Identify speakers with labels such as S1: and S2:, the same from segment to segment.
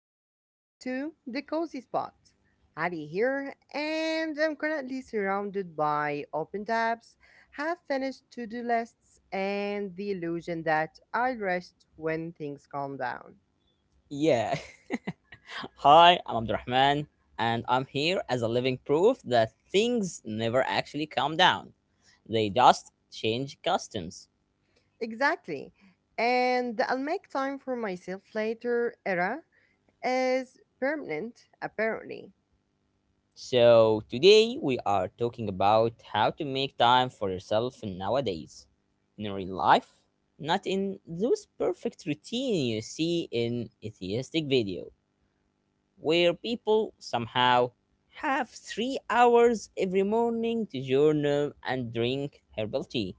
S1: welcome back to the Cozy Spot. Hadi here, and I'm currently surrounded by open tabs, half finished to do lists, and the illusion that I'll rest when things calm down.
S2: Yeah. Hi, I'm Abdurrahman, and I'm here as a living proof that things never actually calm down. They just change customs.
S1: Exactly, and I'll make time for myself later era is permanent, apparently.
S2: So, today we are talking about how to make time for yourself nowadays in real life, not in those perfect routine you see in atheistic video where people somehow have 3 hours every morning to journal and drink herbal tea.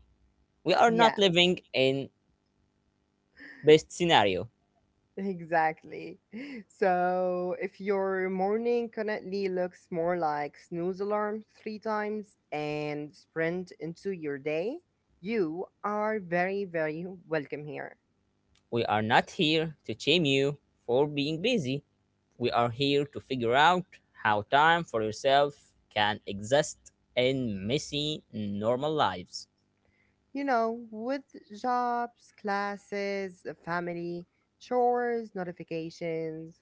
S2: We are not
S1: Yeah.
S2: living in best scenario.
S1: Exactly. So if your morning currently looks more like snooze alarm three times and sprint into your day, you are very, very welcome here.
S2: We are not here to shame you for being busy. We are here to figure out how time for yourself can exist in messy normal lives.
S1: You know, with jobs, classes, a family, chores, notifications,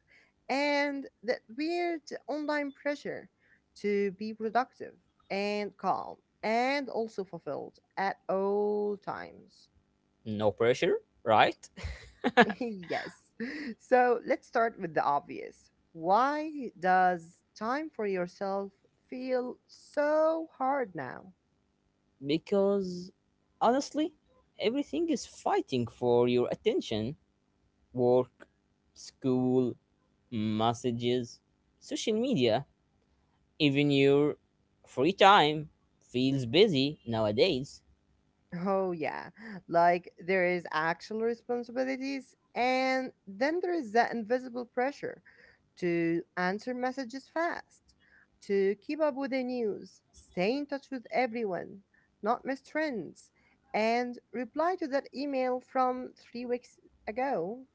S1: and that weird online pressure to be productive and calm and also fulfilled at all times.
S2: No pressure, right?
S1: Yes. So let's start with the obvious. Why does time for yourself feel so hard now?
S2: Because honestly, everything is fighting for your attention work, school, messages, social media, even your free time feels busy nowadays.
S1: Oh, yeah. Like there is actual responsibilities, and then there is that invisible pressure to answer messages fast, to keep up with the news, stay in touch with everyone, not miss trends, and reply to that email from 3 weeks ago.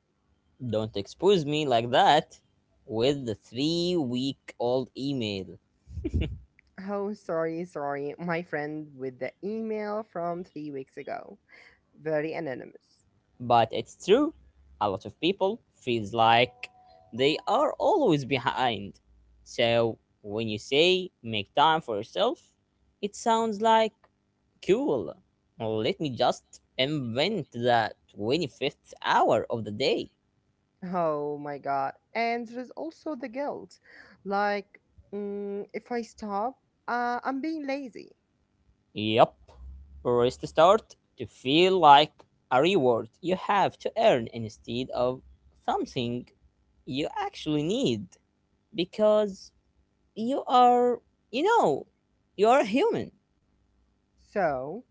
S2: Don't expose me like that with the 3-week old email.
S1: Oh, sorry, sorry. My friend with the email from 3 weeks ago. Very anonymous.
S2: But it's true. A lot of people feels like they are always behind. So when you say make time for yourself, it sounds like cool. Let me just invent the 25th hour of the day.
S1: Oh my god. And there is also the guilt. Like, if I stop, I'm being lazy.
S2: Yep, or is the start to feel like a reward you have to earn instead of something you actually need because you are, you know, you are human.
S1: So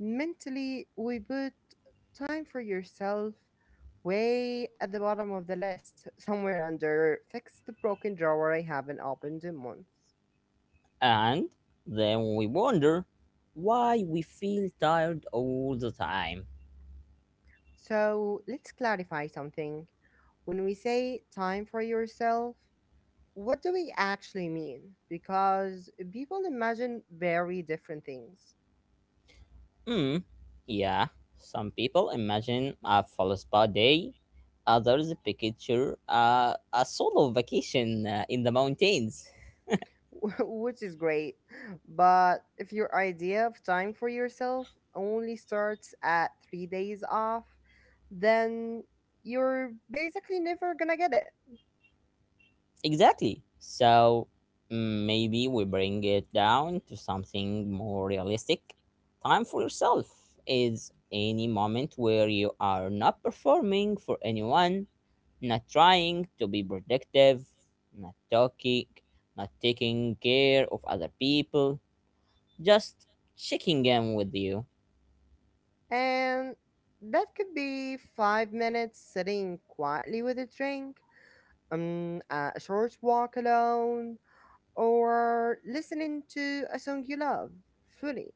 S1: mentally, we put time for yourself way at the bottom of the list, somewhere under fix the broken drawer I haven't opened in months.
S2: And then we wonder why we feel tired all the time.
S1: So let's clarify something. When we say time for yourself, what do we actually mean? Because people imagine very different things.
S2: Hmm. Yeah. Some people imagine a full spa day, others picture a solo vacation in the mountains.
S1: Which is great. But if your idea of time for yourself only starts at 3 days off, then you're basically never gonna get it.
S2: Exactly. So maybe we bring it down to something more realistic. Time for yourself is any moment where you are not performing for anyone, not trying to be productive, not talking, not taking care of other people, just checking in with you,
S1: And that could be 5 minutes sitting quietly with a drink, a short walk alone, or listening to a song you love fully.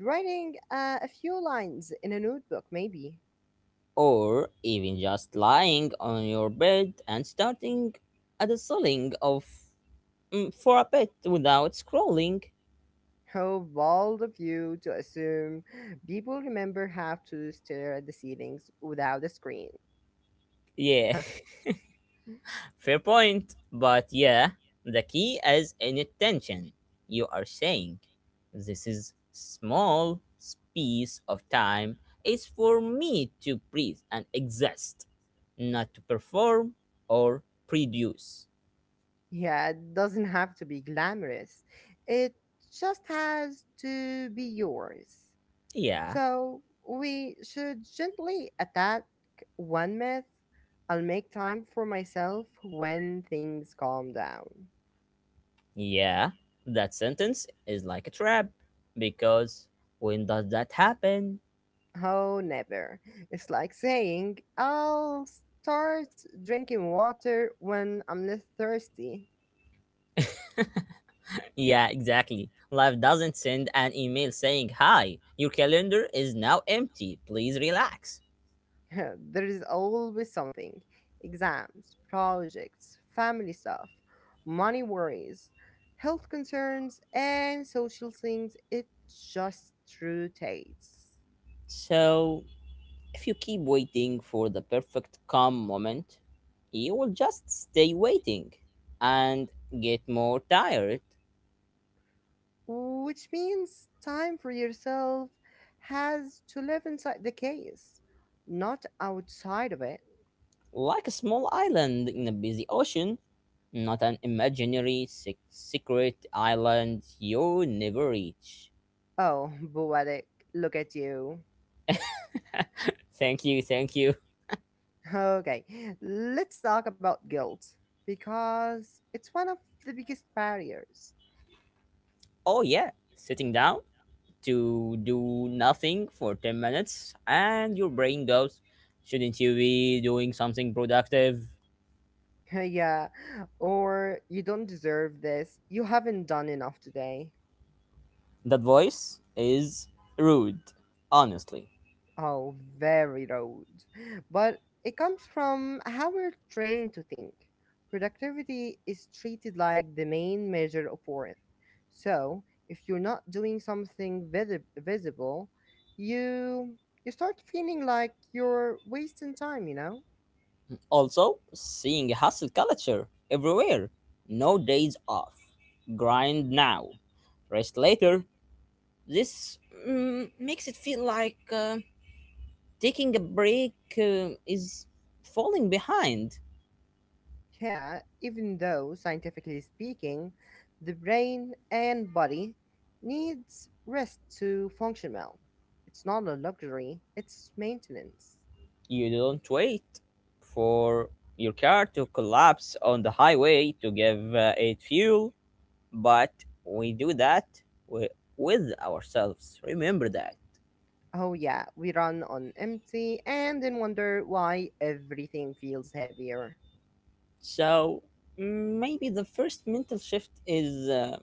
S1: Writing a few lines in a notebook, maybe.
S2: or even just lying on your bed and starting at the ceiling of for a bit without scrolling.
S1: How bold of you to assume people remember have to stare at the ceilings without a screen.
S2: Yeah, fair point. But yeah, the key is inattention. You are saying this is small space of time is for me to breathe and exist, not to perform or produce.
S1: Yeah, it doesn't have to be glamorous. It just has to be yours.
S2: Yeah,
S1: So we should gently attack one myth. I'll make time for myself when things calm down.
S2: yeah, That sentence is like a trap because when does that happen?
S1: Oh, never. It's like saying, I'll start drinking water when I'm not thirsty.
S2: Yeah, exactly. Life doesn't send an email saying, "Hi, your calendar is now empty. Please relax."
S1: There is always something, exams, projects, family stuff, money worries, health concerns, and social things. It just rotates.
S2: So, if you keep waiting for the perfect calm moment, you will just stay waiting and get more tired,
S1: Which means time for yourself has to live inside the case, not outside of it.
S2: like a small island in a busy ocean, not an imaginary secret island you never reach.
S1: Oh, poetic. Look at you.
S2: Thank you, thank you.
S1: Okay, let's talk about guilt because it's one of the biggest barriers.
S2: Oh, yeah, sitting down to do nothing for 10 minutes and your brain goes shouldn't you be doing something productive.
S1: Yeah, or you don't deserve this, you haven't done enough today.
S2: That voice is rude, honestly.
S1: Oh, very rude. But it comes from how we're trained to think. Productivity is treated like the main measure of worth. So, if you're not doing something visible, you you start feeling like you're wasting time, you know?
S2: Also seeing a hustle culture everywhere, no days off, grind now, rest later, this makes it feel like taking a break is falling behind.
S1: Yeah, even though scientifically speaking, the brain and body needs rest to function well. It's not a luxury, it's maintenance.
S2: You don't wait for your car to collapse on the highway to give it fuel, but we do that wi- with ourselves. Remember that.
S1: Oh, yeah, we run on empty and then wonder why everything feels heavier.
S2: So maybe the first mental shift is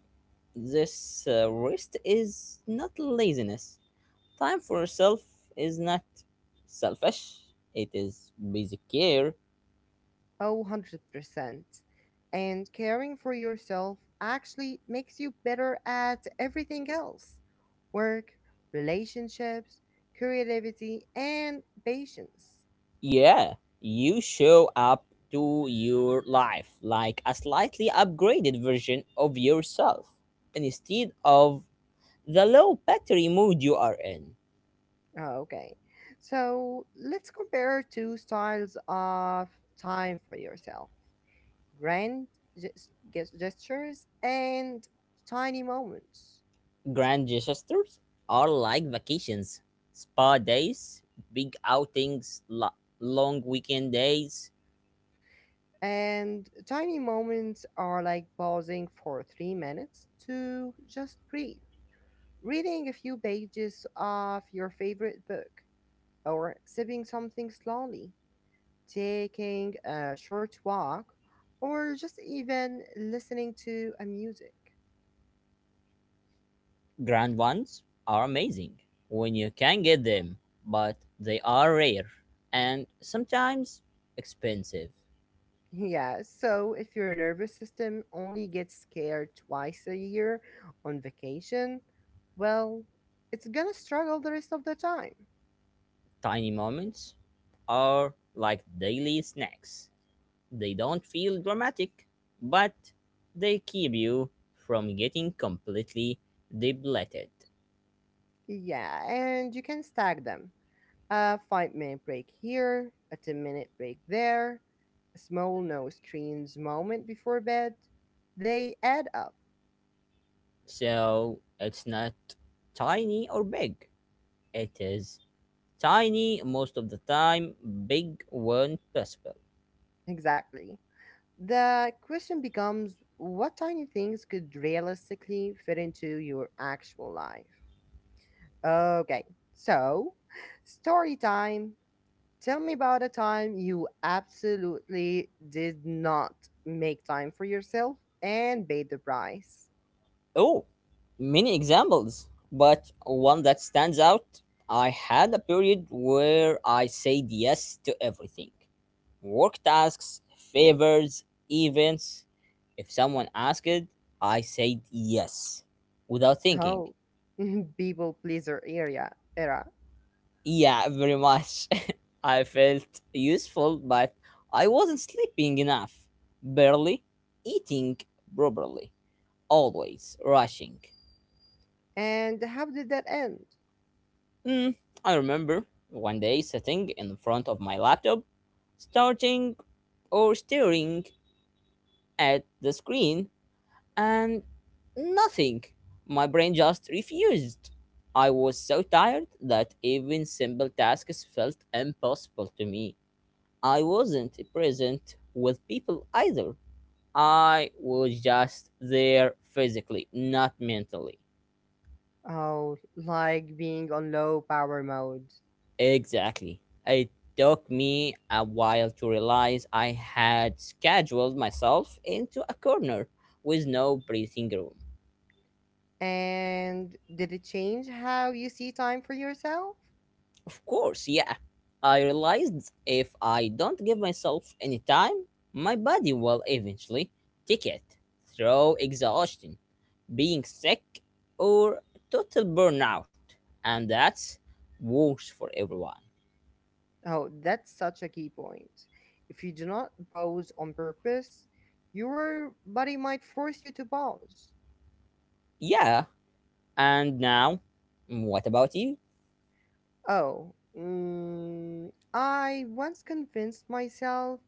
S2: this rest is not laziness. Time for yourself is not selfish, it is basic care.
S1: Oh, 100%. And caring for yourself actually makes you better at everything else, work, relationships, creativity, and patience.
S2: Yeah, you show up to your life like a slightly upgraded version of yourself instead of the low battery mood you are in.
S1: Oh, okay, so let's compare two styles of time for yourself, grand gestures and tiny moments.
S2: Grand gestures are like vacations, spa days, big outings, long weekend days.
S1: And tiny moments are like pausing for 3 minutes to just breathe, reading a few pages of your favorite book, or sipping something slowly, taking a short walk, or just even listening to a music.
S2: Grand ones are amazing when you can get them, but they are rare and sometimes expensive.
S1: Yeah, so if your nervous system only gets scared twice a year on vacation, well, it's gonna struggle the rest of the time.
S2: Tiny moments are like daily snacks. They don't feel dramatic, but they keep you from getting completely depleted.
S1: Yeah, and you can stack them. A 5 minute break here, a 10-minute break there, a small no screens moment before bed, they add up.
S2: So it's not tiny or big. It is tiny most of the time, big when possible.
S1: Exactly. The question becomes what tiny things could realistically fit into your actual life? Okay, so story time. Tell me about a time you absolutely did not make time for yourself and paid the price.
S2: Oh, many examples, but one that stands out. I had a period where I said yes to everything work tasks, favors, events. If someone asked, I said yes without thinking.
S1: Oh, people pleaser area era.
S2: Yeah, very much. I felt useful, but I wasn't sleeping enough, barely eating properly, always rushing.
S1: And how did that end?
S2: Mm, I remember one day sitting in front of my laptop, starting or staring at the screen, and nothing. My brain just refused. I was so tired that even simple tasks felt impossible to me. I wasn't present with people either. I was just there physically, not mentally.
S1: Oh, like being on low power mode.
S2: Exactly. It took me a while to realize I had scheduled myself into a corner with no breathing room.
S1: And did it change how you see time for yourself?
S2: Of course, yeah. I realized if I don't give myself any time, my body will eventually take it through exhaustion, being sick, or total burnout. And that's worse for everyone.
S1: Oh, that's such a key point. If you do not pause on purpose, your body might force you to pause.
S2: Yeah, and now, what about you?
S1: Oh, I once convinced myself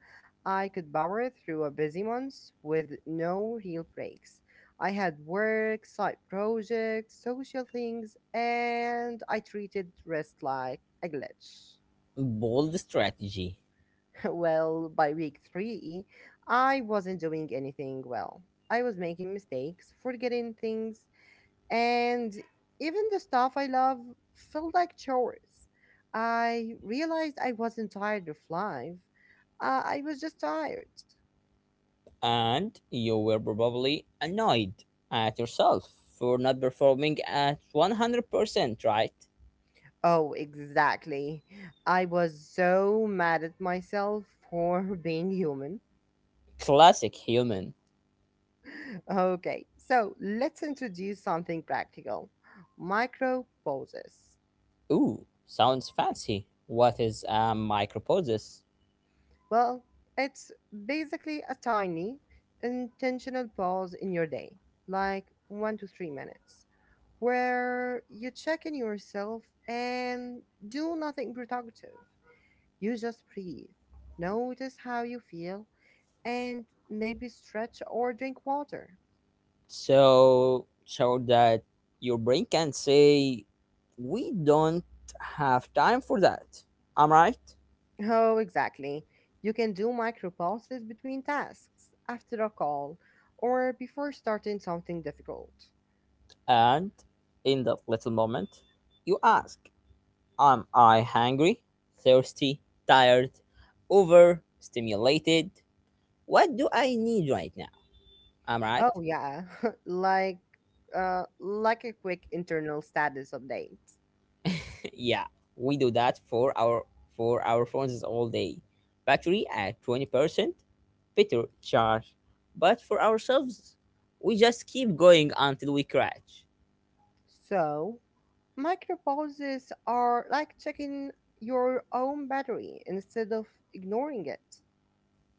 S1: I could power through a busy month with no real breaks. I had work, side projects, social things, and I treated rest like a glitch.
S2: Bold strategy.
S1: Well, by week three, I wasn't doing anything well. I was making mistakes, forgetting things, and even the stuff I love felt like chores. I realized I wasn't tired of life. I was just tired.
S2: And you were probably annoyed at yourself for not performing at 100%, right?
S1: Oh, exactly. I was so mad at myself for being human.
S2: Classic human.
S1: Okay, so let's introduce something practical, micro pauses.
S2: Ooh, sounds fancy. What is a micropausis?
S1: Well, it's basically a tiny, intentional pause in your day, like 1 to 3 minutes, where you check in yourself and do nothing productive. You just breathe, notice how you feel, and maybe stretch or drink water.
S2: So, so that your brain can say, we don't have time for that. I'm right.
S1: Oh, exactly. You can do micro pauses between tasks, after a call, or before starting something difficult.
S2: And in that little moment, you ask, am I hungry, thirsty, tired, overstimulated? What do I need right now? Am I
S1: Oh,
S2: right?
S1: yeah, like like a quick internal status update.
S2: Yeah, we do that for our phones all day. Battery at 20%, better charge. But for ourselves, we just keep going until we crash.
S1: So, micro pauses are like checking your own battery instead of ignoring it.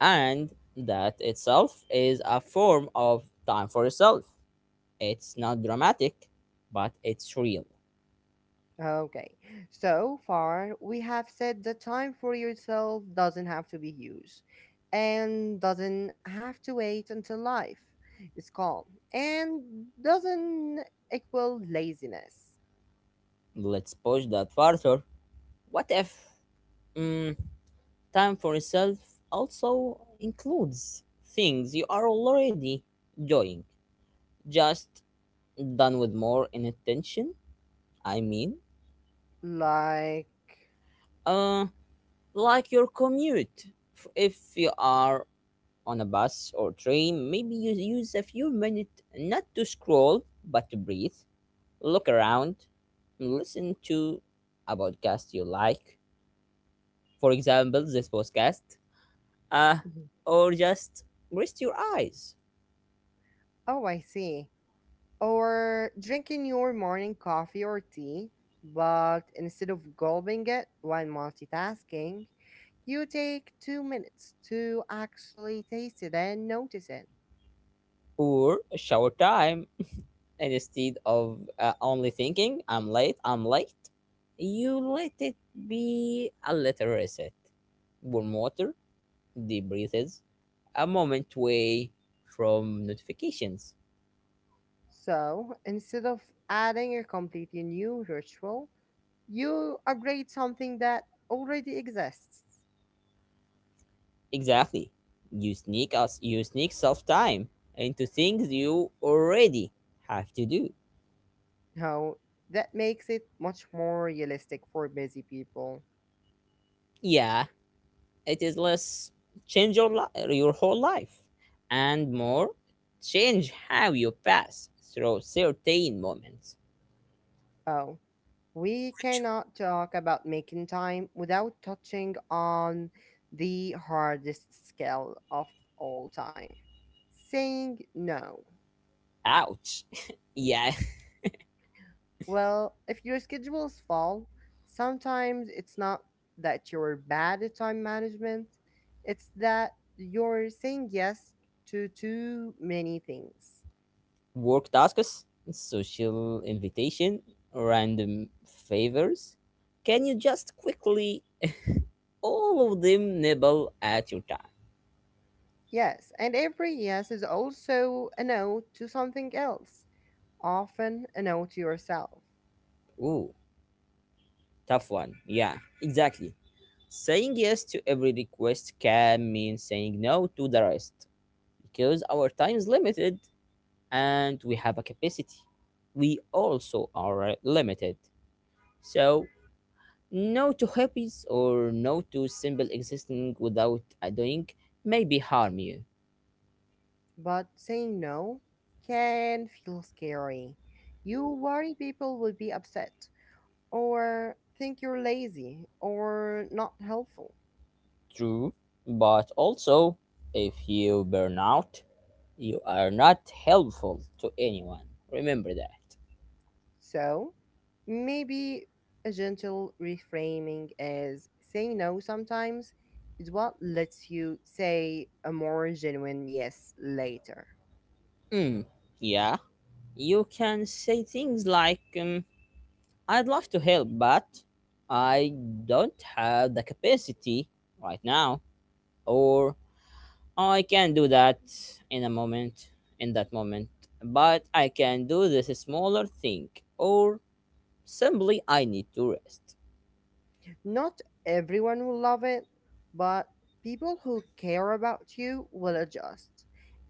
S2: And that itself is a form of time for yourself. It's not dramatic, but it's real.
S1: Okay, so far we have said that time for yourself doesn't have to be huge and doesn't have to wait until life is calm and doesn't equal laziness.
S2: Let's push that further. What if? mm, Time for yourself also includes things you are already enjoying, just done with more intention. I mean,
S1: Like,
S2: uh, like your commute. If you are on a bus or train, maybe you use a few minutes not to scroll but to breathe, look around, listen to a podcast you like, for example, this podcast, uh,
S1: mhm.
S2: or just rest your eyes.
S1: Oh, I see. Or drinking your morning coffee or tea, but instead of gulping it while multitasking, you take 2 minutes to actually taste it and notice it.
S2: Or shower time. And instead of only thinking, I'm late, you let it be a little reset. Warm water, deep breathes, a moment away from notifications.
S1: So instead of adding a completely new ritual, you upgrade something that already exists.
S2: Exactly. You sneak self time into things you already have to do.
S1: Now, that makes it much more realistic for busy people.
S2: Yeah, it is less change your whole life and more change how you pass through certain moments.
S1: Oh, we cannot talk about making time without touching on the hardest skill of all time, saying no.
S2: Ouch. Yeah,
S1: Well, if your schedule is full, sometimes it's not that you're bad at time management, it's that you're saying yes to too many things.
S2: work tasks, social invitation, random favors, can you just quickly, all of them nibble at your time.
S1: Yes, and every yes is also a no to something else, often a no to yourself.
S2: Ooh, tough one. Yeah, exactly. Saying yes to every request can mean saying no to the rest because our time is limited and we have a capacity. We also are limited. So, no to hobbies or no to simple existing without a doing may be harm you.
S1: But saying no can feel scary. You worry people will be upset or think you're lazy or not helpful.
S2: True, but also if you burn out, you are not helpful to anyone. Remember that.
S1: So maybe a gentle reframing is saying no sometimes is what lets you say a more genuine yes later.
S2: Mm, yeah, you can say things like, I'd love to help, but I don't have the capacity right now, or oh, I can do that in a moment, in that moment, but I can do this smaller thing, or simply I need to rest.
S1: Not everyone will love it, but people who care about you will adjust.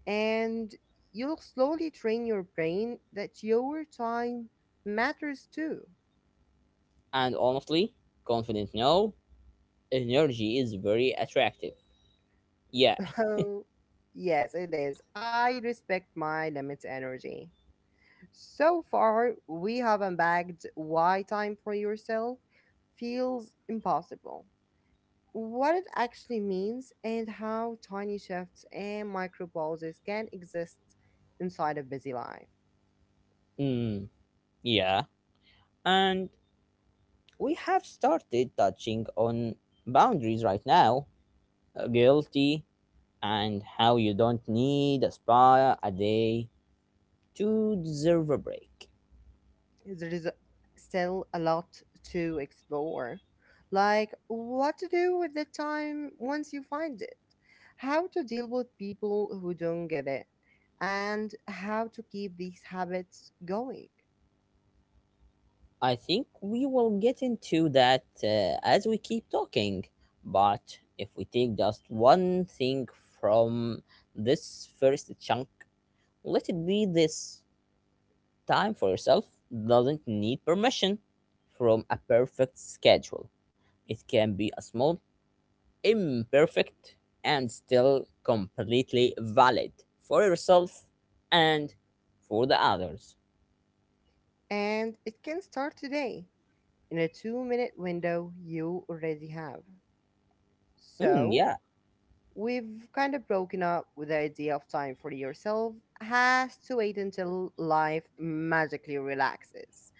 S1: And you'll slowly train your brain that your time matters too.
S2: And honestly, confident no, energy is very attractive. Yeah,
S1: Oh, yes, it is. I respect my limits energy. So far, we have unbagged why time for yourself feels impossible, what it actually means and how tiny shifts and micro pauses can exist inside a busy life.
S2: mm, yeah, and we have started touching on boundaries right now guilty, and how you don't need a spa a day to deserve a break.
S1: There is still a lot to explore, like what to do with the time once you find it, how to deal with people who don't get it, and how to keep these habits going.
S2: I think we will get into that as we keep talking. But if we take just one thing from this first chunk, let it be this time for yourself doesn't need permission from a perfect schedule. It can be a small, imperfect, and still completely valid for yourself and for the others.
S1: And it can start today in a 2 minute window you already have. So,
S2: Yeah.
S1: we've kind of broken up with the idea of time for yourself has to wait until life magically relaxes.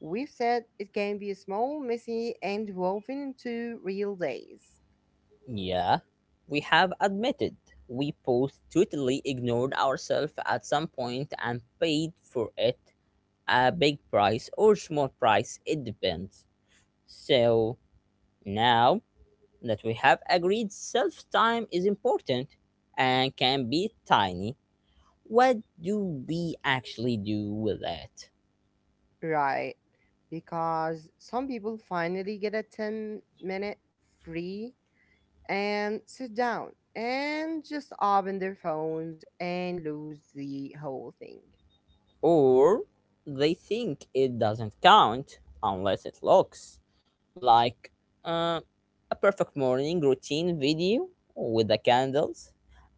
S1: We've said it can be small, messy, and woven into real days.
S2: Yeah, we have admitted we both totally ignored ourselves at some point and paid for it a big price or small price, it depends. So now that we have agreed self time is important and can be tiny, what do we actually do with it?
S1: Right? Because some people finally get a 10-minute free and sit down and just open their phones and lose the whole thing.
S2: Or they think it doesn't count unless it looks like uh, a perfect morning routine video with the candles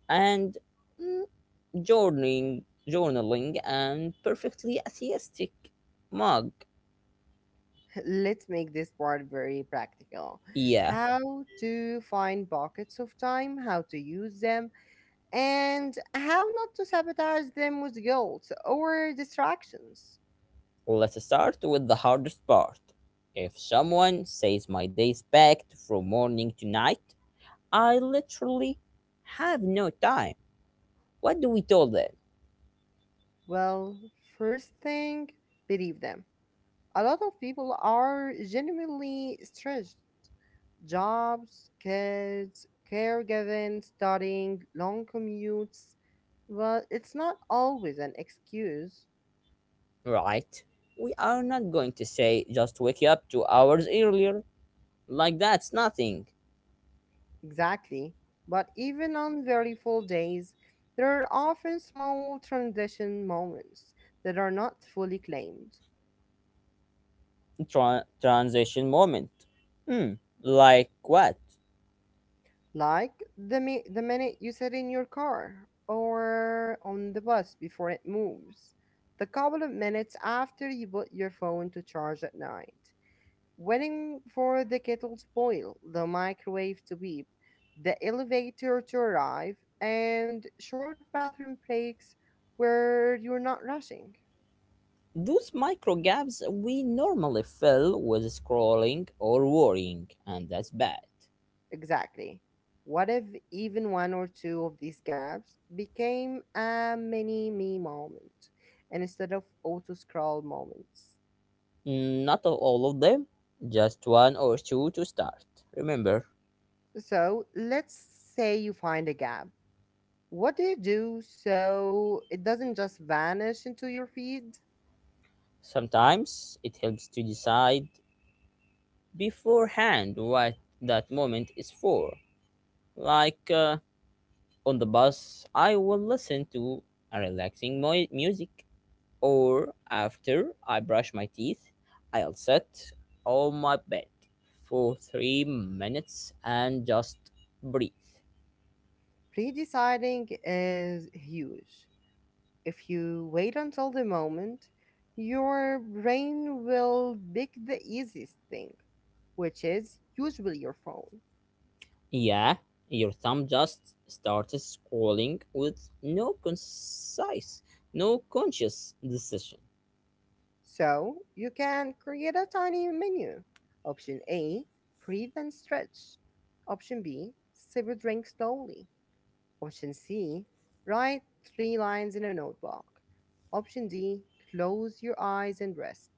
S2: and mm, journaling, journaling and perfectly atheistic mug.
S1: Let's make this part very practical.
S2: Yeah,
S1: How to find buckets of time, how to use them, and how not to sabotage them with guilt or distractions.
S2: let's start with the hardest part. If someone says my day is packed from morning to night, I literally have no time. What do we tell them?
S1: Well, first thing, believe them. A lot of people are genuinely stressed. Jobs, kids, caregiving, studying, long commutes. Well, it's not always an excuse.
S2: Right? We are not going to say just wake up 2 hours earlier. Like that's nothing.
S1: Exactly. But even on very full days, there are often small transition moments that are not fully claimed,
S2: Transition moment. Hmm, like what?
S1: like the minute you sit in your car or on the bus before it moves, the couple of minutes after you put your phone to charge at night, waiting for the kettle to boil, the microwave to beep, the elevator to arrive, and short bathroom breaks where you're not rushing.
S2: Those micro gaps we normally fill with scrolling or worrying, and that's bad.
S1: Exactly. What if even one or two of these gaps became a mini me moment instead of auto scroll moments?
S2: Mm, not of all of them, just one or two to start. Remember,
S1: So let's say you find a gap. What do you do so it doesn't just vanish into your feed?
S2: sometimes it helps to decide beforehand what that moment is for. Like on the bus, I will listen to a relaxing music, or after I brush my teeth, I'll sit on my bed for 3 minutes and just breathe.
S1: Pre deciding is huge. If you wait until the moment, your brain will pick the easiest thing, which is usually your phone.
S2: Yeah, your thumb just started scrolling with no conscious decision.
S1: So you can create a tiny menu. Option A, breathe and stretch. Option B, sip a drink slowly. Option C, write three lines in a notebook. Option D, close your eyes and rest.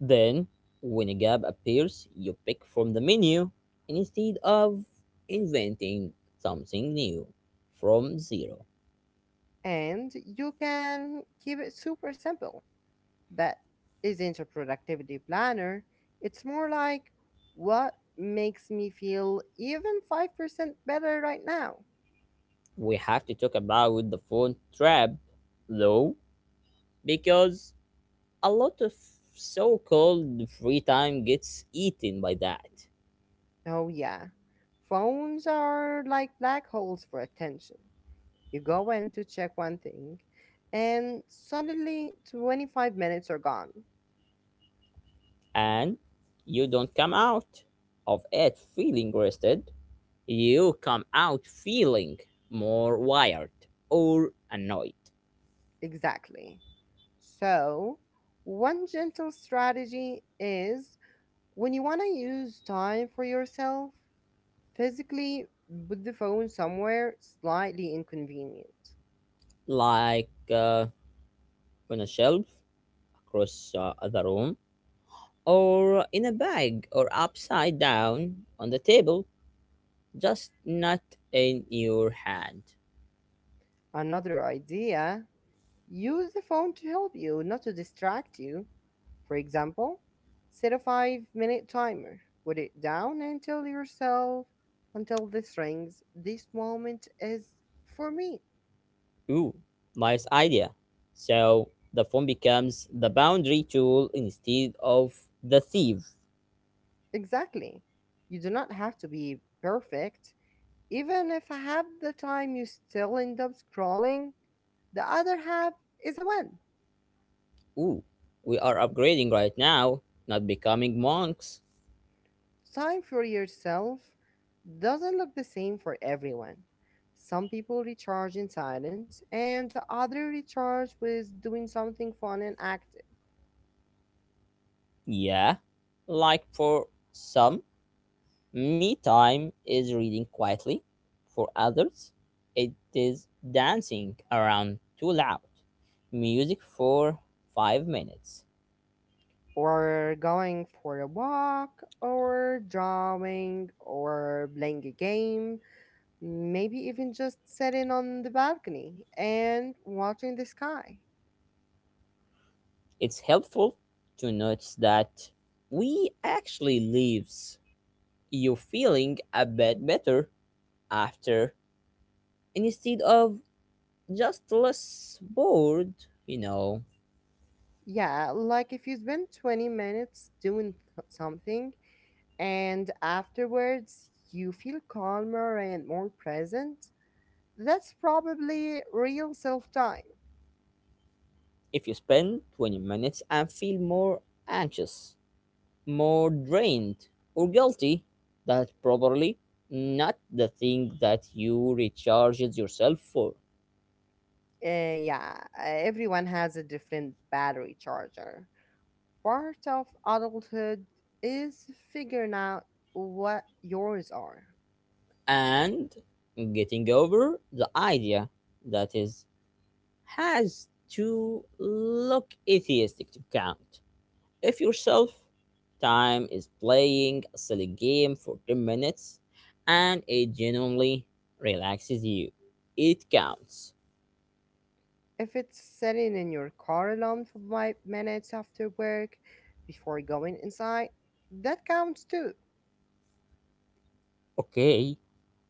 S2: Then, when a gap appears, you pick from the menu instead of inventing something new from zero.
S1: And you can keep it super simple. That isn't a productivity planner. It's more like what makes me feel even 5% better right now.
S2: We have to talk about the phone trap, though, because a lot of so called free time gets eaten by that,
S1: Oh, yeah. Phones are like black holes for attention. You go in to check one thing, and suddenly 25 minutes are gone.
S2: and you don't come out of it feeling rested, you come out feeling more wired or annoyed,
S1: Exactly. So, one gentle strategy is when you want to use time for yourself, physically put the phone somewhere slightly inconvenient.
S2: like on a shelf across the room, or in a bag, or upside down on the table, just not in your hand.
S1: Another idea, use the phone to help you, not to distract you. For example, set a 5-minute timer. Put it down and tell yourself, until this rings, this moment is for me.
S2: Ooh, nice idea. So the phone becomes the boundary tool instead of the thief.
S1: Exactly. You do not have to be perfect. Even if half the time you still end up scrolling, the other half is a win.
S2: Ooh, we are upgrading right now, not becoming monks.
S1: Time for yourself doesn't look the same for everyone. Some people recharge in silence, and others recharge with doing something fun and active,
S2: Yeah, like for some, me time is reading quietly. For others, it is dancing around too loud. Music for 5 minutes.
S1: or going for a walk, or drawing, or playing a game, maybe even just sitting on the balcony and watching the sky.
S2: It's helpful to notice that we actually live you feeling a bit better after and instead of just less bored you know
S1: Yeah, like if you spend 20 minutes doing something, and afterwards you feel calmer and more present, that's probably real self time.
S2: if you spend 20 minutes and feel more anxious, more drained, or guilty, that's probably not the thing that you recharges yourself for.
S1: Yeah, everyone has a different battery charger. Part of adulthood is figuring out what yours are.
S2: And getting over the idea that is has to look atheistic to count. If your self time is playing a silly game for 10 minutes and it genuinely relaxes you, it counts.
S1: If it's sitting in your car alone for 5 minutes after work before going inside, that counts too.
S2: Okay,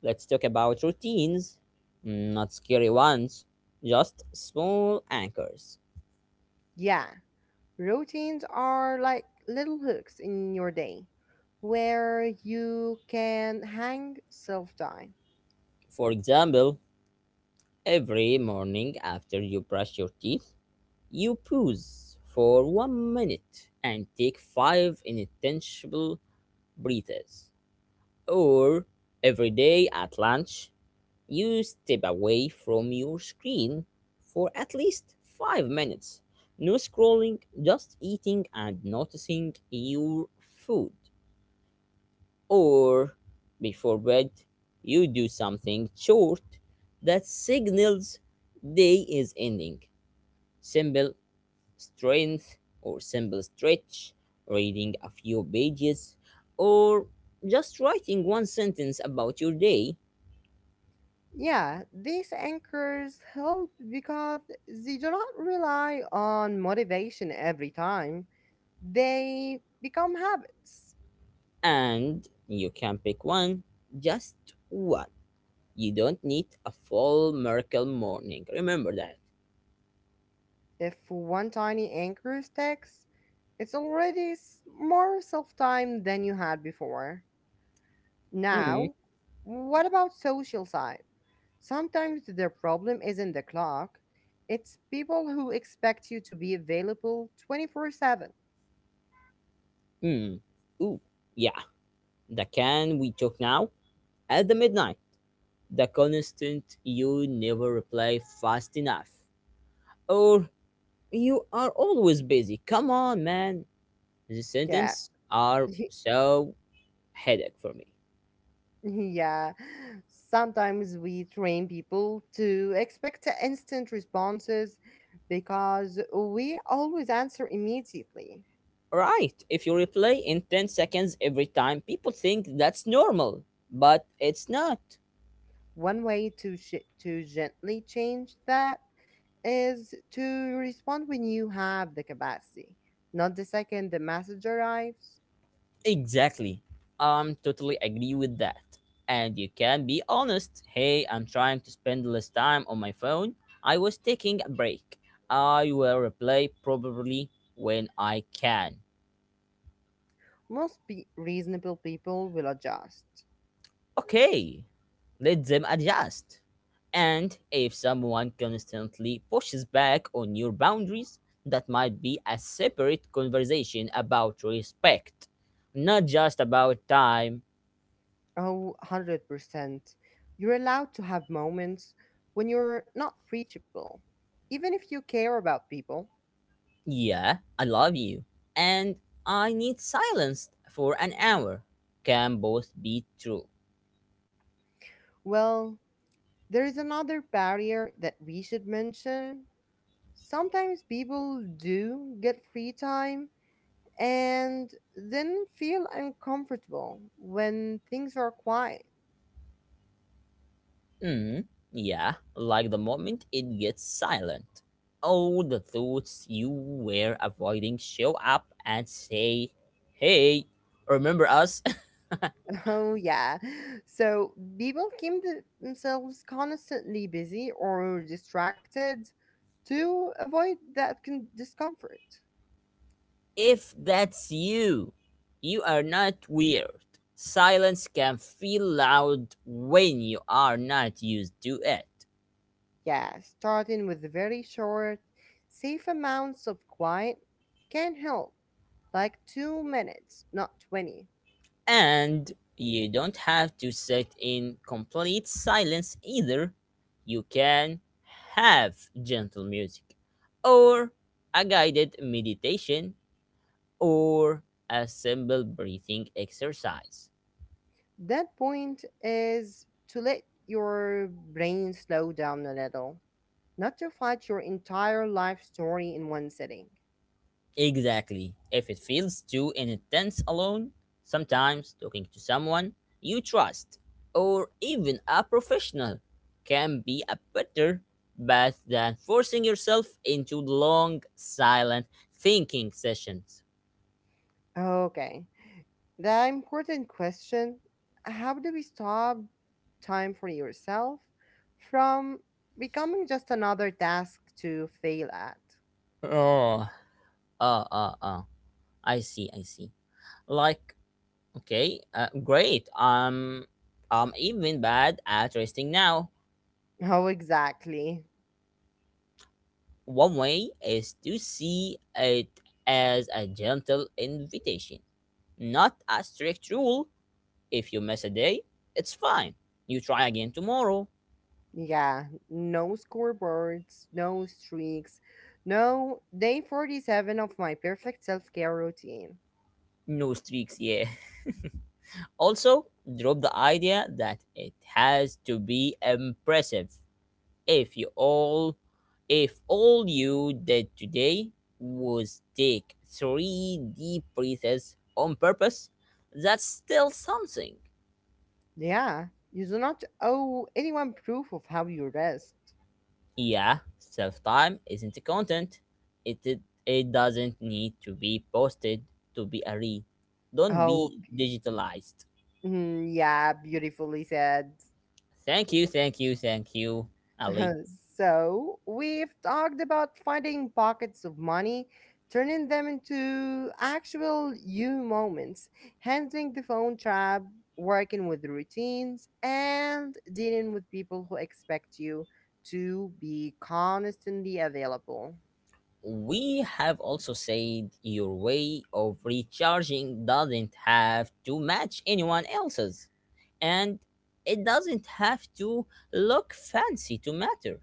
S2: let's talk about routines. Mm, not scary ones, just small anchors.
S1: Yeah, routines are like little hooks in your day where you can hang self time.
S2: For example, every morning after you brush your teeth, you pause for 1 minute and take five intangible breathes. Or every day at lunch, you step away from your screen for at least 5 minutes. No scrolling, just eating and noticing your food. Or before bed, you do something short that signals day is ending. Simple strength or simple stretch, reading a few pages, or just writing one sentence about your day.
S1: Yeah, these anchors help because they do not rely on motivation every time. They become habits.
S2: And you can pick one, just one. You don't need a full miracle morning. Remember that.
S1: If one tiny anchor sticks, it's already more self time than you had before.
S2: Mm,
S1: Now, what about social side? Sometimes their problem isn't the clock, it's people who expect you to be available 24/7.
S2: mm. Ooh, yeah. The can we took now at the midnight. The constant you never reply fast enough. Or you are always busy. Come on, man. The
S1: Yeah.
S2: sentences are so headache for me.
S1: Yeah. Sometimes we train people to expect instant responses because we always answer immediately.
S2: Right. If you replay in 10 seconds every time, people think that's normal, but it's not.
S1: One way to to gently change that is to respond when you have the capacity, not the second the message arrives.
S2: Exactly. I'm totally agree with that. And you can be honest. Hey, I'm trying to spend less time on my phone. I was taking a break. I will replay probably when I can.
S1: Most pe reasonable people will adjust.
S2: Okay, let them adjust. And if someone constantly pushes back on your boundaries, that might be a separate conversation about respect, not just about time.
S1: Oh, 100%. You're allowed to have moments when you're not reachable. Even if you care about people,
S2: Yeah, I love you. And I need silence for an hour. Can both be true.
S1: well, there is another barrier that we should mention. Sometimes people do get free time and then feel uncomfortable when things are quiet.
S2: Mm, yeah, like the moment it gets silent. All the thoughts you were avoiding show up and say, Hey, remember us?
S1: Oh, yeah. So people keep themselves constantly busy or distracted to avoid that discomfort.
S2: If that's you, you are not weird. Silence can feel loud when you are not used to it.
S1: Yeah, starting with very short, safe amounts of quiet can help, like 2 minutes, not 20.
S2: And you don't have to sit in complete silence either. You can have gentle music, or a guided meditation, or a simple breathing exercise.
S1: That point is to let your brain slow down a little, not to fight your entire life story in one sitting.
S2: Exactly. If it feels too intense alone, sometimes talking to someone you trust or even a professional can be a better bet than forcing yourself into long silent thinking sessions.
S1: Okay. The important question, how do we stop time for yourself from becoming just another task to fail at?
S2: Oh, uh, uh, uh. I see, I see. Like, okay, great. I'm even bad at resting now.
S1: Oh, exactly.
S2: One way is to see it as a gentle invitation, not a strict rule. If you miss a day, it's fine. You try again tomorrow.
S1: Yeah, no scoreboards, no streaks, no day 47 of my perfect self care routine.
S2: No streaks, yeah. Also, drop the idea that it has to be impressive. If you all if all you did today was take three deep breaths on purpose, that's still something.
S1: Yeah, you do not owe anyone proof of how you rest.
S2: Yeah, self time isn't a content. It doesn't need to be posted to be a read. Don't
S1: Oh,
S2: be digitalized.
S1: mm, yeah, beautifully said.
S2: Thank you, thank you, thank you, Ali.
S1: So, we've talked about finding pockets of money, turning them into actual you moments, handling the phone trap, working with routines, and dealing with people who expect you to be constantly available.
S2: We have also said your way of recharging doesn't have to match anyone else's, and it doesn't have to look fancy to matter.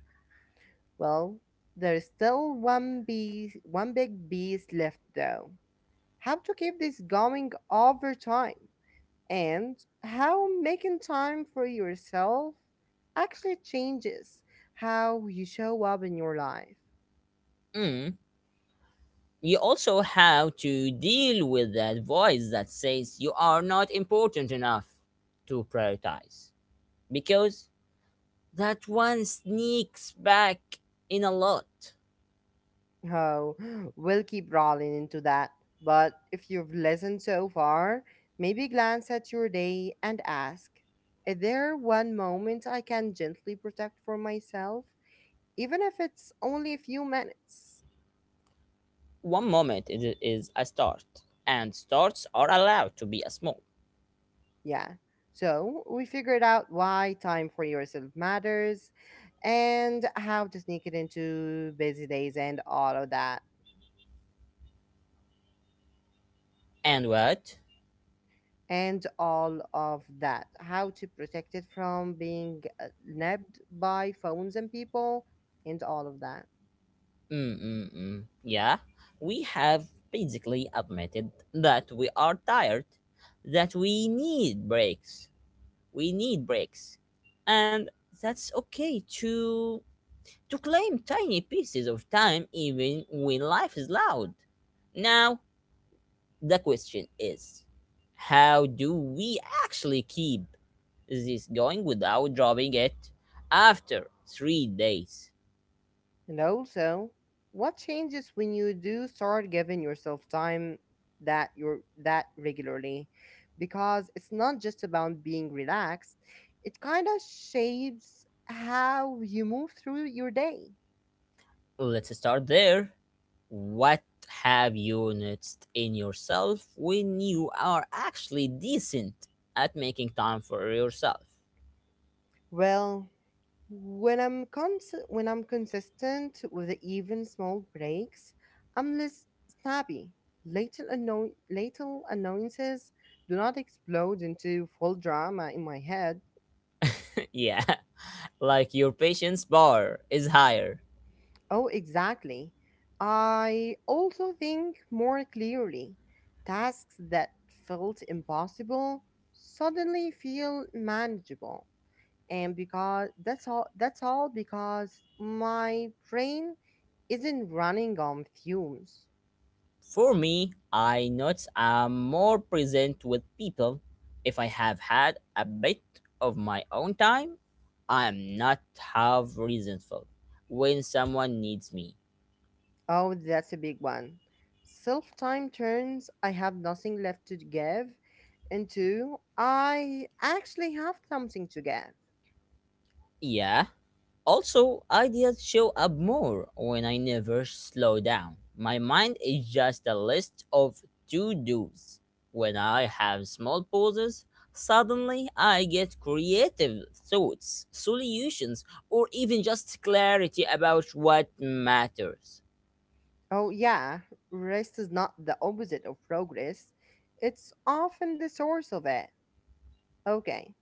S1: Well, there's still one bee, one big beast left though. How to keep this going over time? And how making time for yourself actually changes how you show up in your life.
S2: Mm, you also have to deal with that voice that says you are not important enough to prioritize because that one sneaks back in a lot.
S1: Oh, we'll keep rolling into that. But if you've listened so far, maybe glance at your day and ask, is there one moment I can gently protect for myself, even if it's only a few minutes?
S2: One moment it is a start, and starts are allowed to be a small.
S1: Yeah. So we figured out why time for yourself matters and how to sneak it into busy days and all of that.
S2: And what?
S1: And all of that. How to protect it from being nabbed by phones and people and all of that.
S2: Mm-mm-mm. Yeah, we have basically admitted that we are tired, that we need breaks. We need breaks and that's okay to claim tiny pieces of time even when life is loud. Now, the question is how do we actually keep this going without dropping it after 3 days?
S1: And also, what changes when you do start giving yourself time that you're that regularly? Because it's not just about being relaxed, it kind of shapes how you move through your day.
S2: Let's start there. What have you noticed in yourself when you are actually decent at making time for yourself?
S1: Well, when I'm consistent with the even small breaks, I'm less snappy. Little, little annoyances do not explode into full drama in my head.
S2: Yeah, like your patience bar is higher.
S1: Oh, exactly. I also think more clearly. Tasks that felt impossible suddenly feel manageable. And because that's all because my brain isn't running on fumes.
S2: For me, I notice I'm more present with people. If I have had a bit of my own time, I'm not half resentful when someone needs me.
S1: Oh, that's a big one. Self time turns I have nothing left to give into I actually have something to give.
S2: Yeah, also, ideas show up more when I never slow down. My mind is just a list of to dos. When I have small pauses, suddenly I get creative thoughts, solutions, or even just clarity about what matters.
S1: Oh, yeah, rest is not the opposite of progress, it's often the source of it. Okay,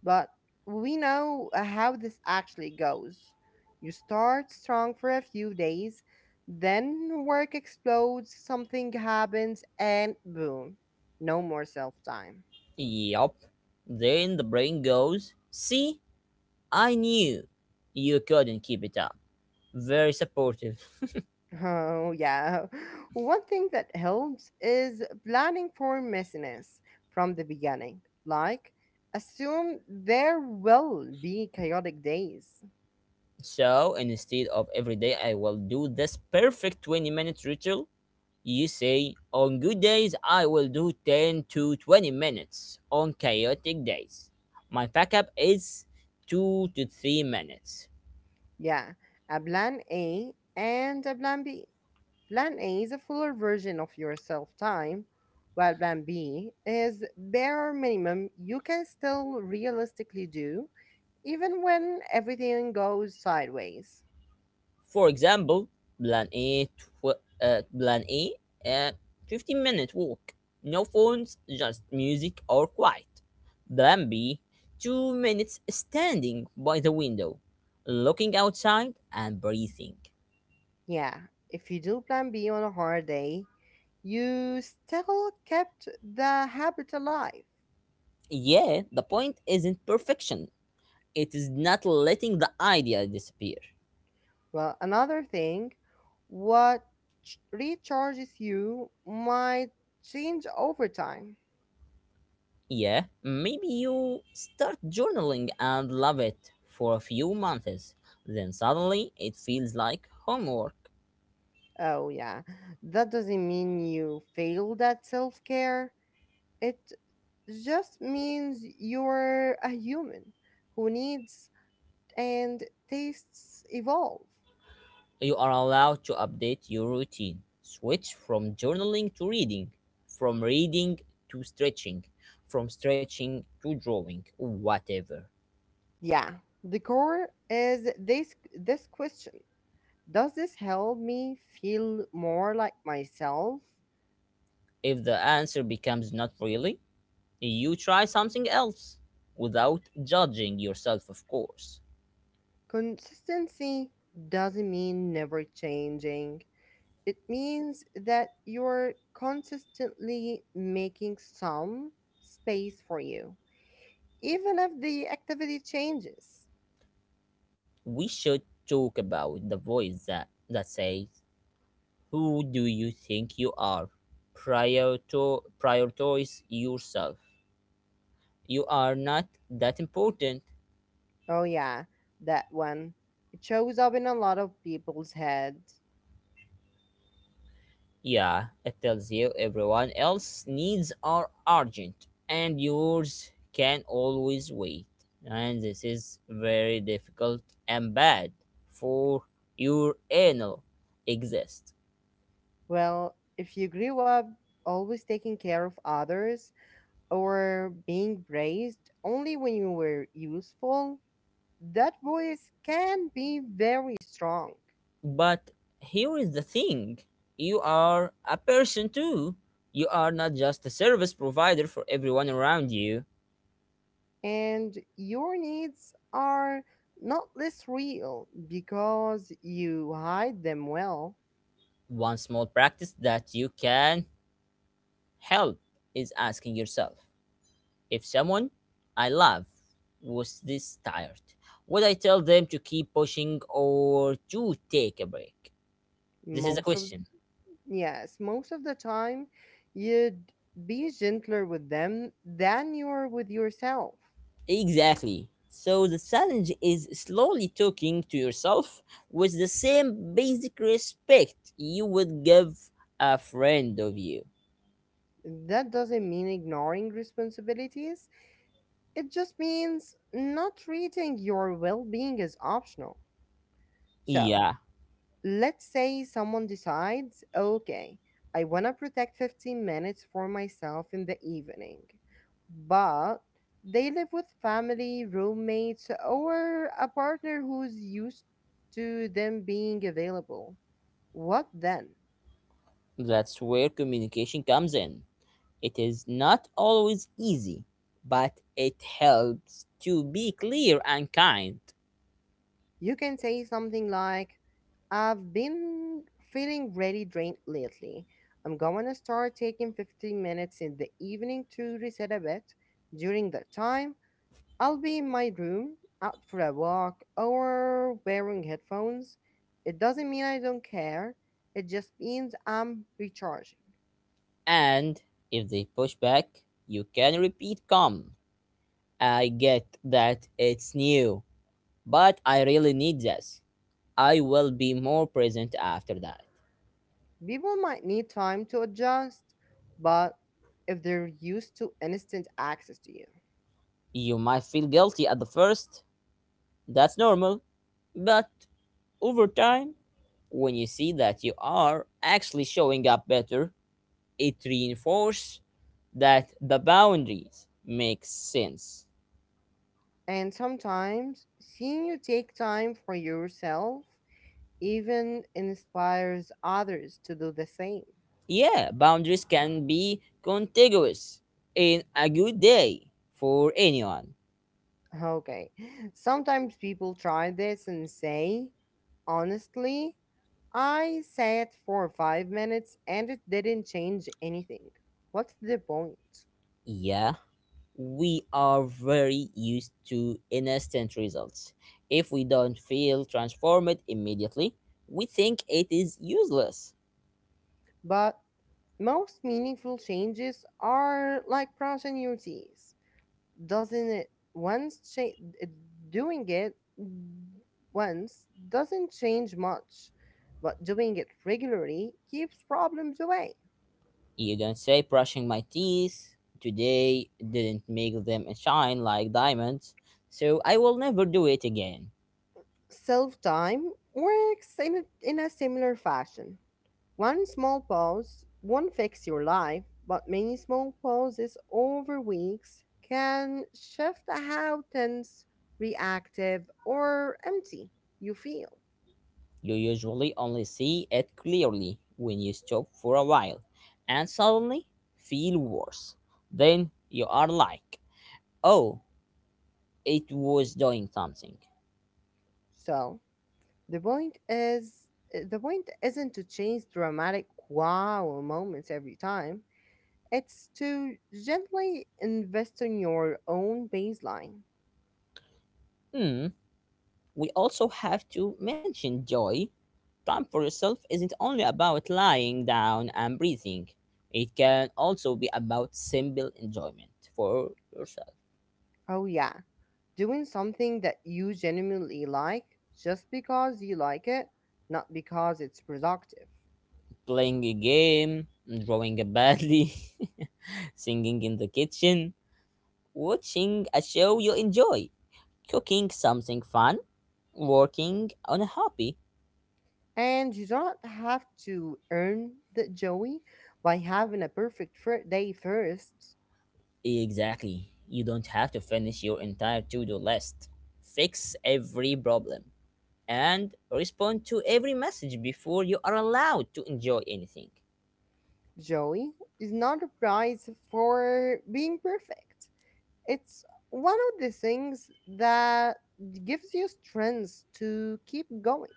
S1: but we know how this actually goes. You start strong for a few days, then work explodes, something happens, and boom, no more self time.
S2: Yup. Then the brain goes, See, I knew you couldn't keep it up. Very supportive.
S1: Oh, yeah. One thing that helps is planning for messiness from the beginning. Like, assume there will be chaotic days.
S2: So instead of every day I will do this perfect 20 minutes ritual, you say on good days I will do 10 to 20 minutes. On chaotic days, my backup is 2 to 3 minutes.
S1: Yeah, a plan A and a plan B. Plan A is a fuller version of your self time, while plan B is bare minimum you can still realistically do, even when everything goes sideways.
S2: For example, plan A, uh, 15-minute walk. No phones, just music or quiet. Plan B, 2 minutes standing by the window, looking outside and breathing.
S1: Yeah, if you do plan B on a hard day, you still kept the habit alive.
S2: Yeah, the point isn't perfection. It is not letting the idea disappear.
S1: Well, another thing, what recharges you might change over time.
S2: Yeah, maybe you start journaling and love it for a few months. Then suddenly it feels like homework.
S1: Oh, yeah, that doesn't mean you failed at self care. It just means you're a human who needs and tastes evolve.
S2: You are allowed to update your routine. Switch from journaling to reading, from reading to stretching, from stretching to drawing, whatever.
S1: Yeah, the core is this question. Does this help me feel more like myself?
S2: If the answer becomes not really, you try something else without judging yourself, of course.
S1: Consistency doesn't mean never changing. It means that you're consistently making some space for you, even if the activity changes.
S2: We should talk about the voice that says, Who do you think you are? Prior to prioritize yourself. You are not that important.
S1: Oh, yeah, that one. It shows up in a lot of people's head.
S2: Yeah, it tells you everyone else's needs are urgent and yours can always wait. And this is very difficult and bad for your anal exist.
S1: Well, if you grew up always taking care of others, or being praised only when you were useful, that voice can be very strong.
S2: But here is the thing, you are a person too. You are not just a service provider for everyone around you.
S1: And your needs are not less real because you hide them well.
S2: One small practice that you can help is asking yourself, If someone I love was this tired, would I tell them to keep pushing or to take a break? This is a
S1: Most of,
S2: question.
S1: yes, most of the time you'd be gentler with them than you are with yourself.
S2: Exactly. So the challenge is slowly talking to yourself with the same basic respect you would give a friend of you.
S1: That doesn't mean ignoring responsibilities. It just means not treating your well being as optional. So
S2: Yeah,
S1: let's say someone decides, okay, I want to protect 15 minutes for myself in the evening, but they live with family, roommates, or a partner who's used to them being available. What then?
S2: that's where communication comes in. It is not always easy, but it helps to be clear and kind.
S1: You can say something like, I've been feeling really drained lately. I'm going to start taking 15 minutes in the evening to reset a bit. During that time, I'll be in my room, out for a walk, or wearing headphones. It doesn't mean I don't care, it just means I'm recharging.
S2: And if they push back, you can repeat come. I get that it's new, but I really need this. I will be more present after that.
S1: People might need time to adjust, but if they're used to instant access to you.
S2: You might feel guilty at the first, that's normal, but over time, when you see that you are actually showing up better, it reinforces that the boundaries make sense.
S1: And sometimes seeing you take time for yourself even inspires others to do the same.
S2: Yeah, boundaries can be contiguous in a good day for anyone.
S1: Okay, sometimes people try this and say, honestly, I sat for 5 minutes and it didn't change anything. What's the point?
S2: Yeah, we are very used to instant results. If we don't feel transformed immediately, we think it is useless.
S1: But most meaningful changes are like brushing your teeth. Doesn't it once cha- Doing it once doesn't change much, but doing it regularly keeps problems away.
S2: You don't say brushing my teeth today didn't make them shine like diamonds, so I will never do it again.
S1: Self time works in a similar fashion. One small pause won't fix your life, but many small pauses over weeks can shift how tense, reactive, or empty you feel.
S2: You usually only see it clearly when you stop for a while and suddenly feel worse. Then you are like, oh, it was doing something.
S1: So the point isn't to chase dramatic wow moments every time. It's to gently invest in your own baseline.
S2: Hmm, we also have to mention joy. Time for yourself isn't only about lying down and breathing, it can also be about simple enjoyment for yourself.
S1: Oh yeah. Doing something that you genuinely like just because you like it, not because it's productive.
S2: Playing a game, drawing badly, singing in the kitchen, watching a show you enjoy, cooking something fun, working on a hobby.
S1: And you don't have to earn the Joey by having a perfect day first.
S2: Exactly. You don't have to finish your entire to do list, fix every problem, and respond to every message before you are allowed to enjoy anything.
S1: Joey is not a prize for being perfect. It's one of the things that gives you strength to keep going.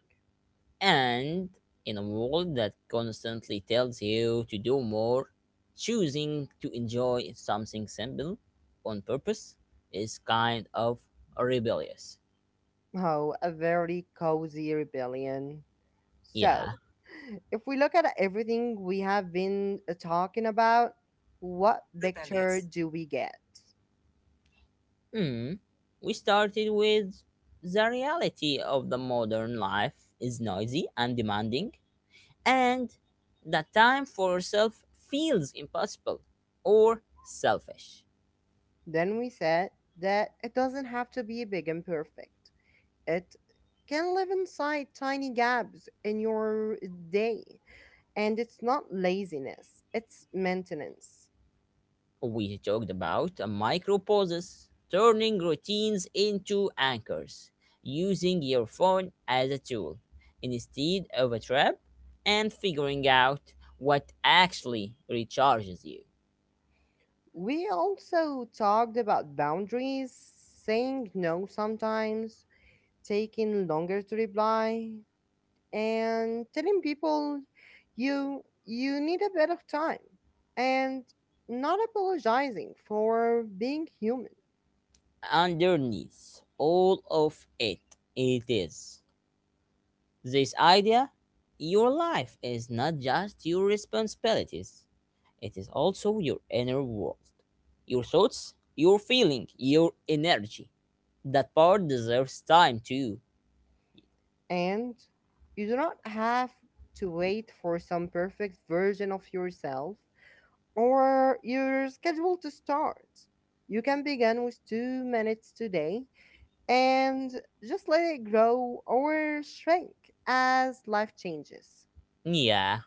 S2: And in a world that constantly tells you to do more, choosing to enjoy something simple on purpose is kind of rebellious.
S1: Oh, a very cozy rebellion. So,
S2: Yeah.
S1: if we look at everything we have been talking about, what picture do we get?
S2: Hmm. We started with the reality of the modern life is noisy and demanding, and that time for yourself feels impossible or selfish.
S1: Then we said that it doesn't have to be big and perfect. It can live inside tiny gaps in your day. And it's not laziness, it's maintenance.
S2: We talked about micro pauses, turning routines into anchors, using your phone as a tool instead of a trap, and figuring out what actually recharges you.
S1: We also talked about boundaries, saying no sometimes, taking longer to reply, and telling people you need a bit of time and not apologizing for being human,
S2: Underneath all of it, it is this idea your life is not just your responsibilities, it is also your inner world, your thoughts, your feeling, your energy. That part deserves time too.
S1: and you do not have to wait for some perfect version of yourself or your schedule to start. You can begin with 2 minutes today and just let it grow or shrink as life changes.
S2: Yeah,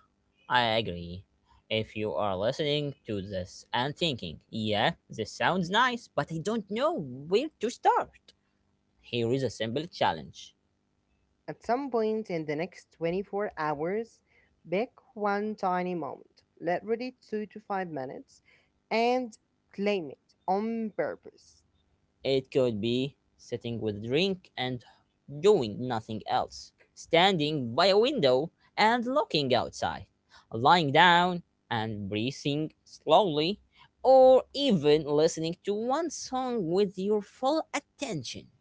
S2: I agree. If you are listening to this and thinking, yeah, this sounds nice, but I don't know where to start, here is a simple challenge.
S1: At some point in the next 24 hours, pick one tiny moment, literally 2 to 5 minutes, and claim it on purpose.
S2: It could be sitting with a drink and doing nothing else, standing by a window and looking outside, lying down and breathing slowly, or even listening to one song with your full attention.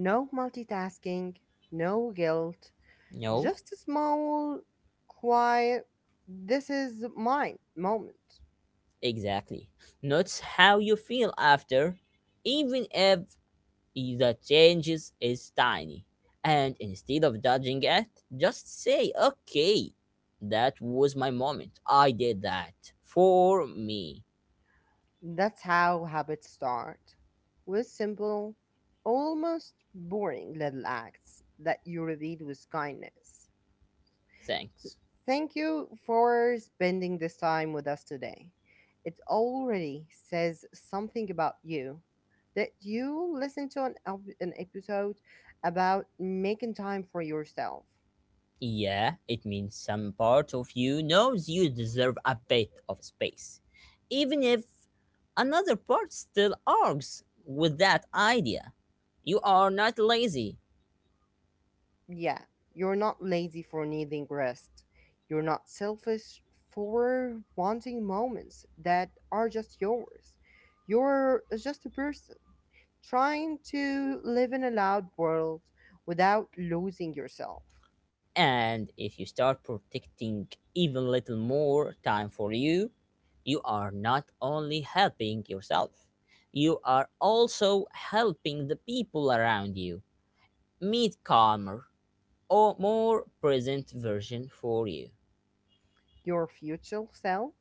S1: No multitasking, no guilt,
S2: No,
S1: just a small, quiet, this is mine moment.
S2: exactly. Notice how you feel after, even if the changes is tiny. And instead of judging it, just say, okay, that was my moment. I did that for me.
S1: That's how habits start, with simple, almost boring little acts that you repeat with kindness.
S2: Thanks.
S1: Thank you for spending this time with us today. It already says something about you that you listen to an episode about making time for yourself.
S2: Yeah, it means some part of you knows you deserve a bit of space, even if another part still argues with that idea. You are not lazy.
S1: Yeah, you're not lazy for needing rest. You're not selfish for wanting moments that are just yours. You're just a person trying to live in a loud world without losing yourself.
S2: And if you start protecting even little more time for you, you are not only helping yourself, you are also helping the people around you meet calmer or more present version for you.
S1: Your future self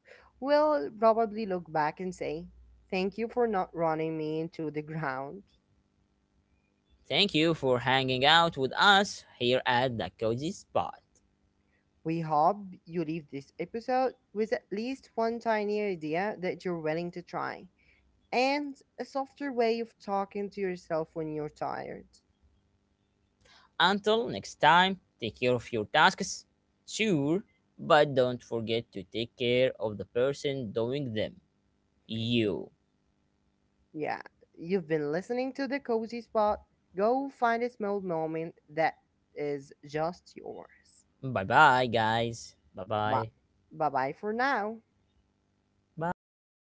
S1: will probably look back and say, thank you for not running me into the ground.
S2: Thank you for hanging out with us here at the Cozy Spot.
S1: We hope you leave this episode with at least one tiny idea that you're willing to try and a softer way of talking to yourself when you're tired.
S2: Until next time, take care of your tasks, sure, but don't forget to take care of the person doing them, you.
S1: Yeah, you've been listening to the Cozy Spot. Go find a small moment that is just yours.
S2: Bye bye, guys. Bye
S1: Bye,
S2: bye.
S1: bye bye for now.
S2: Bye.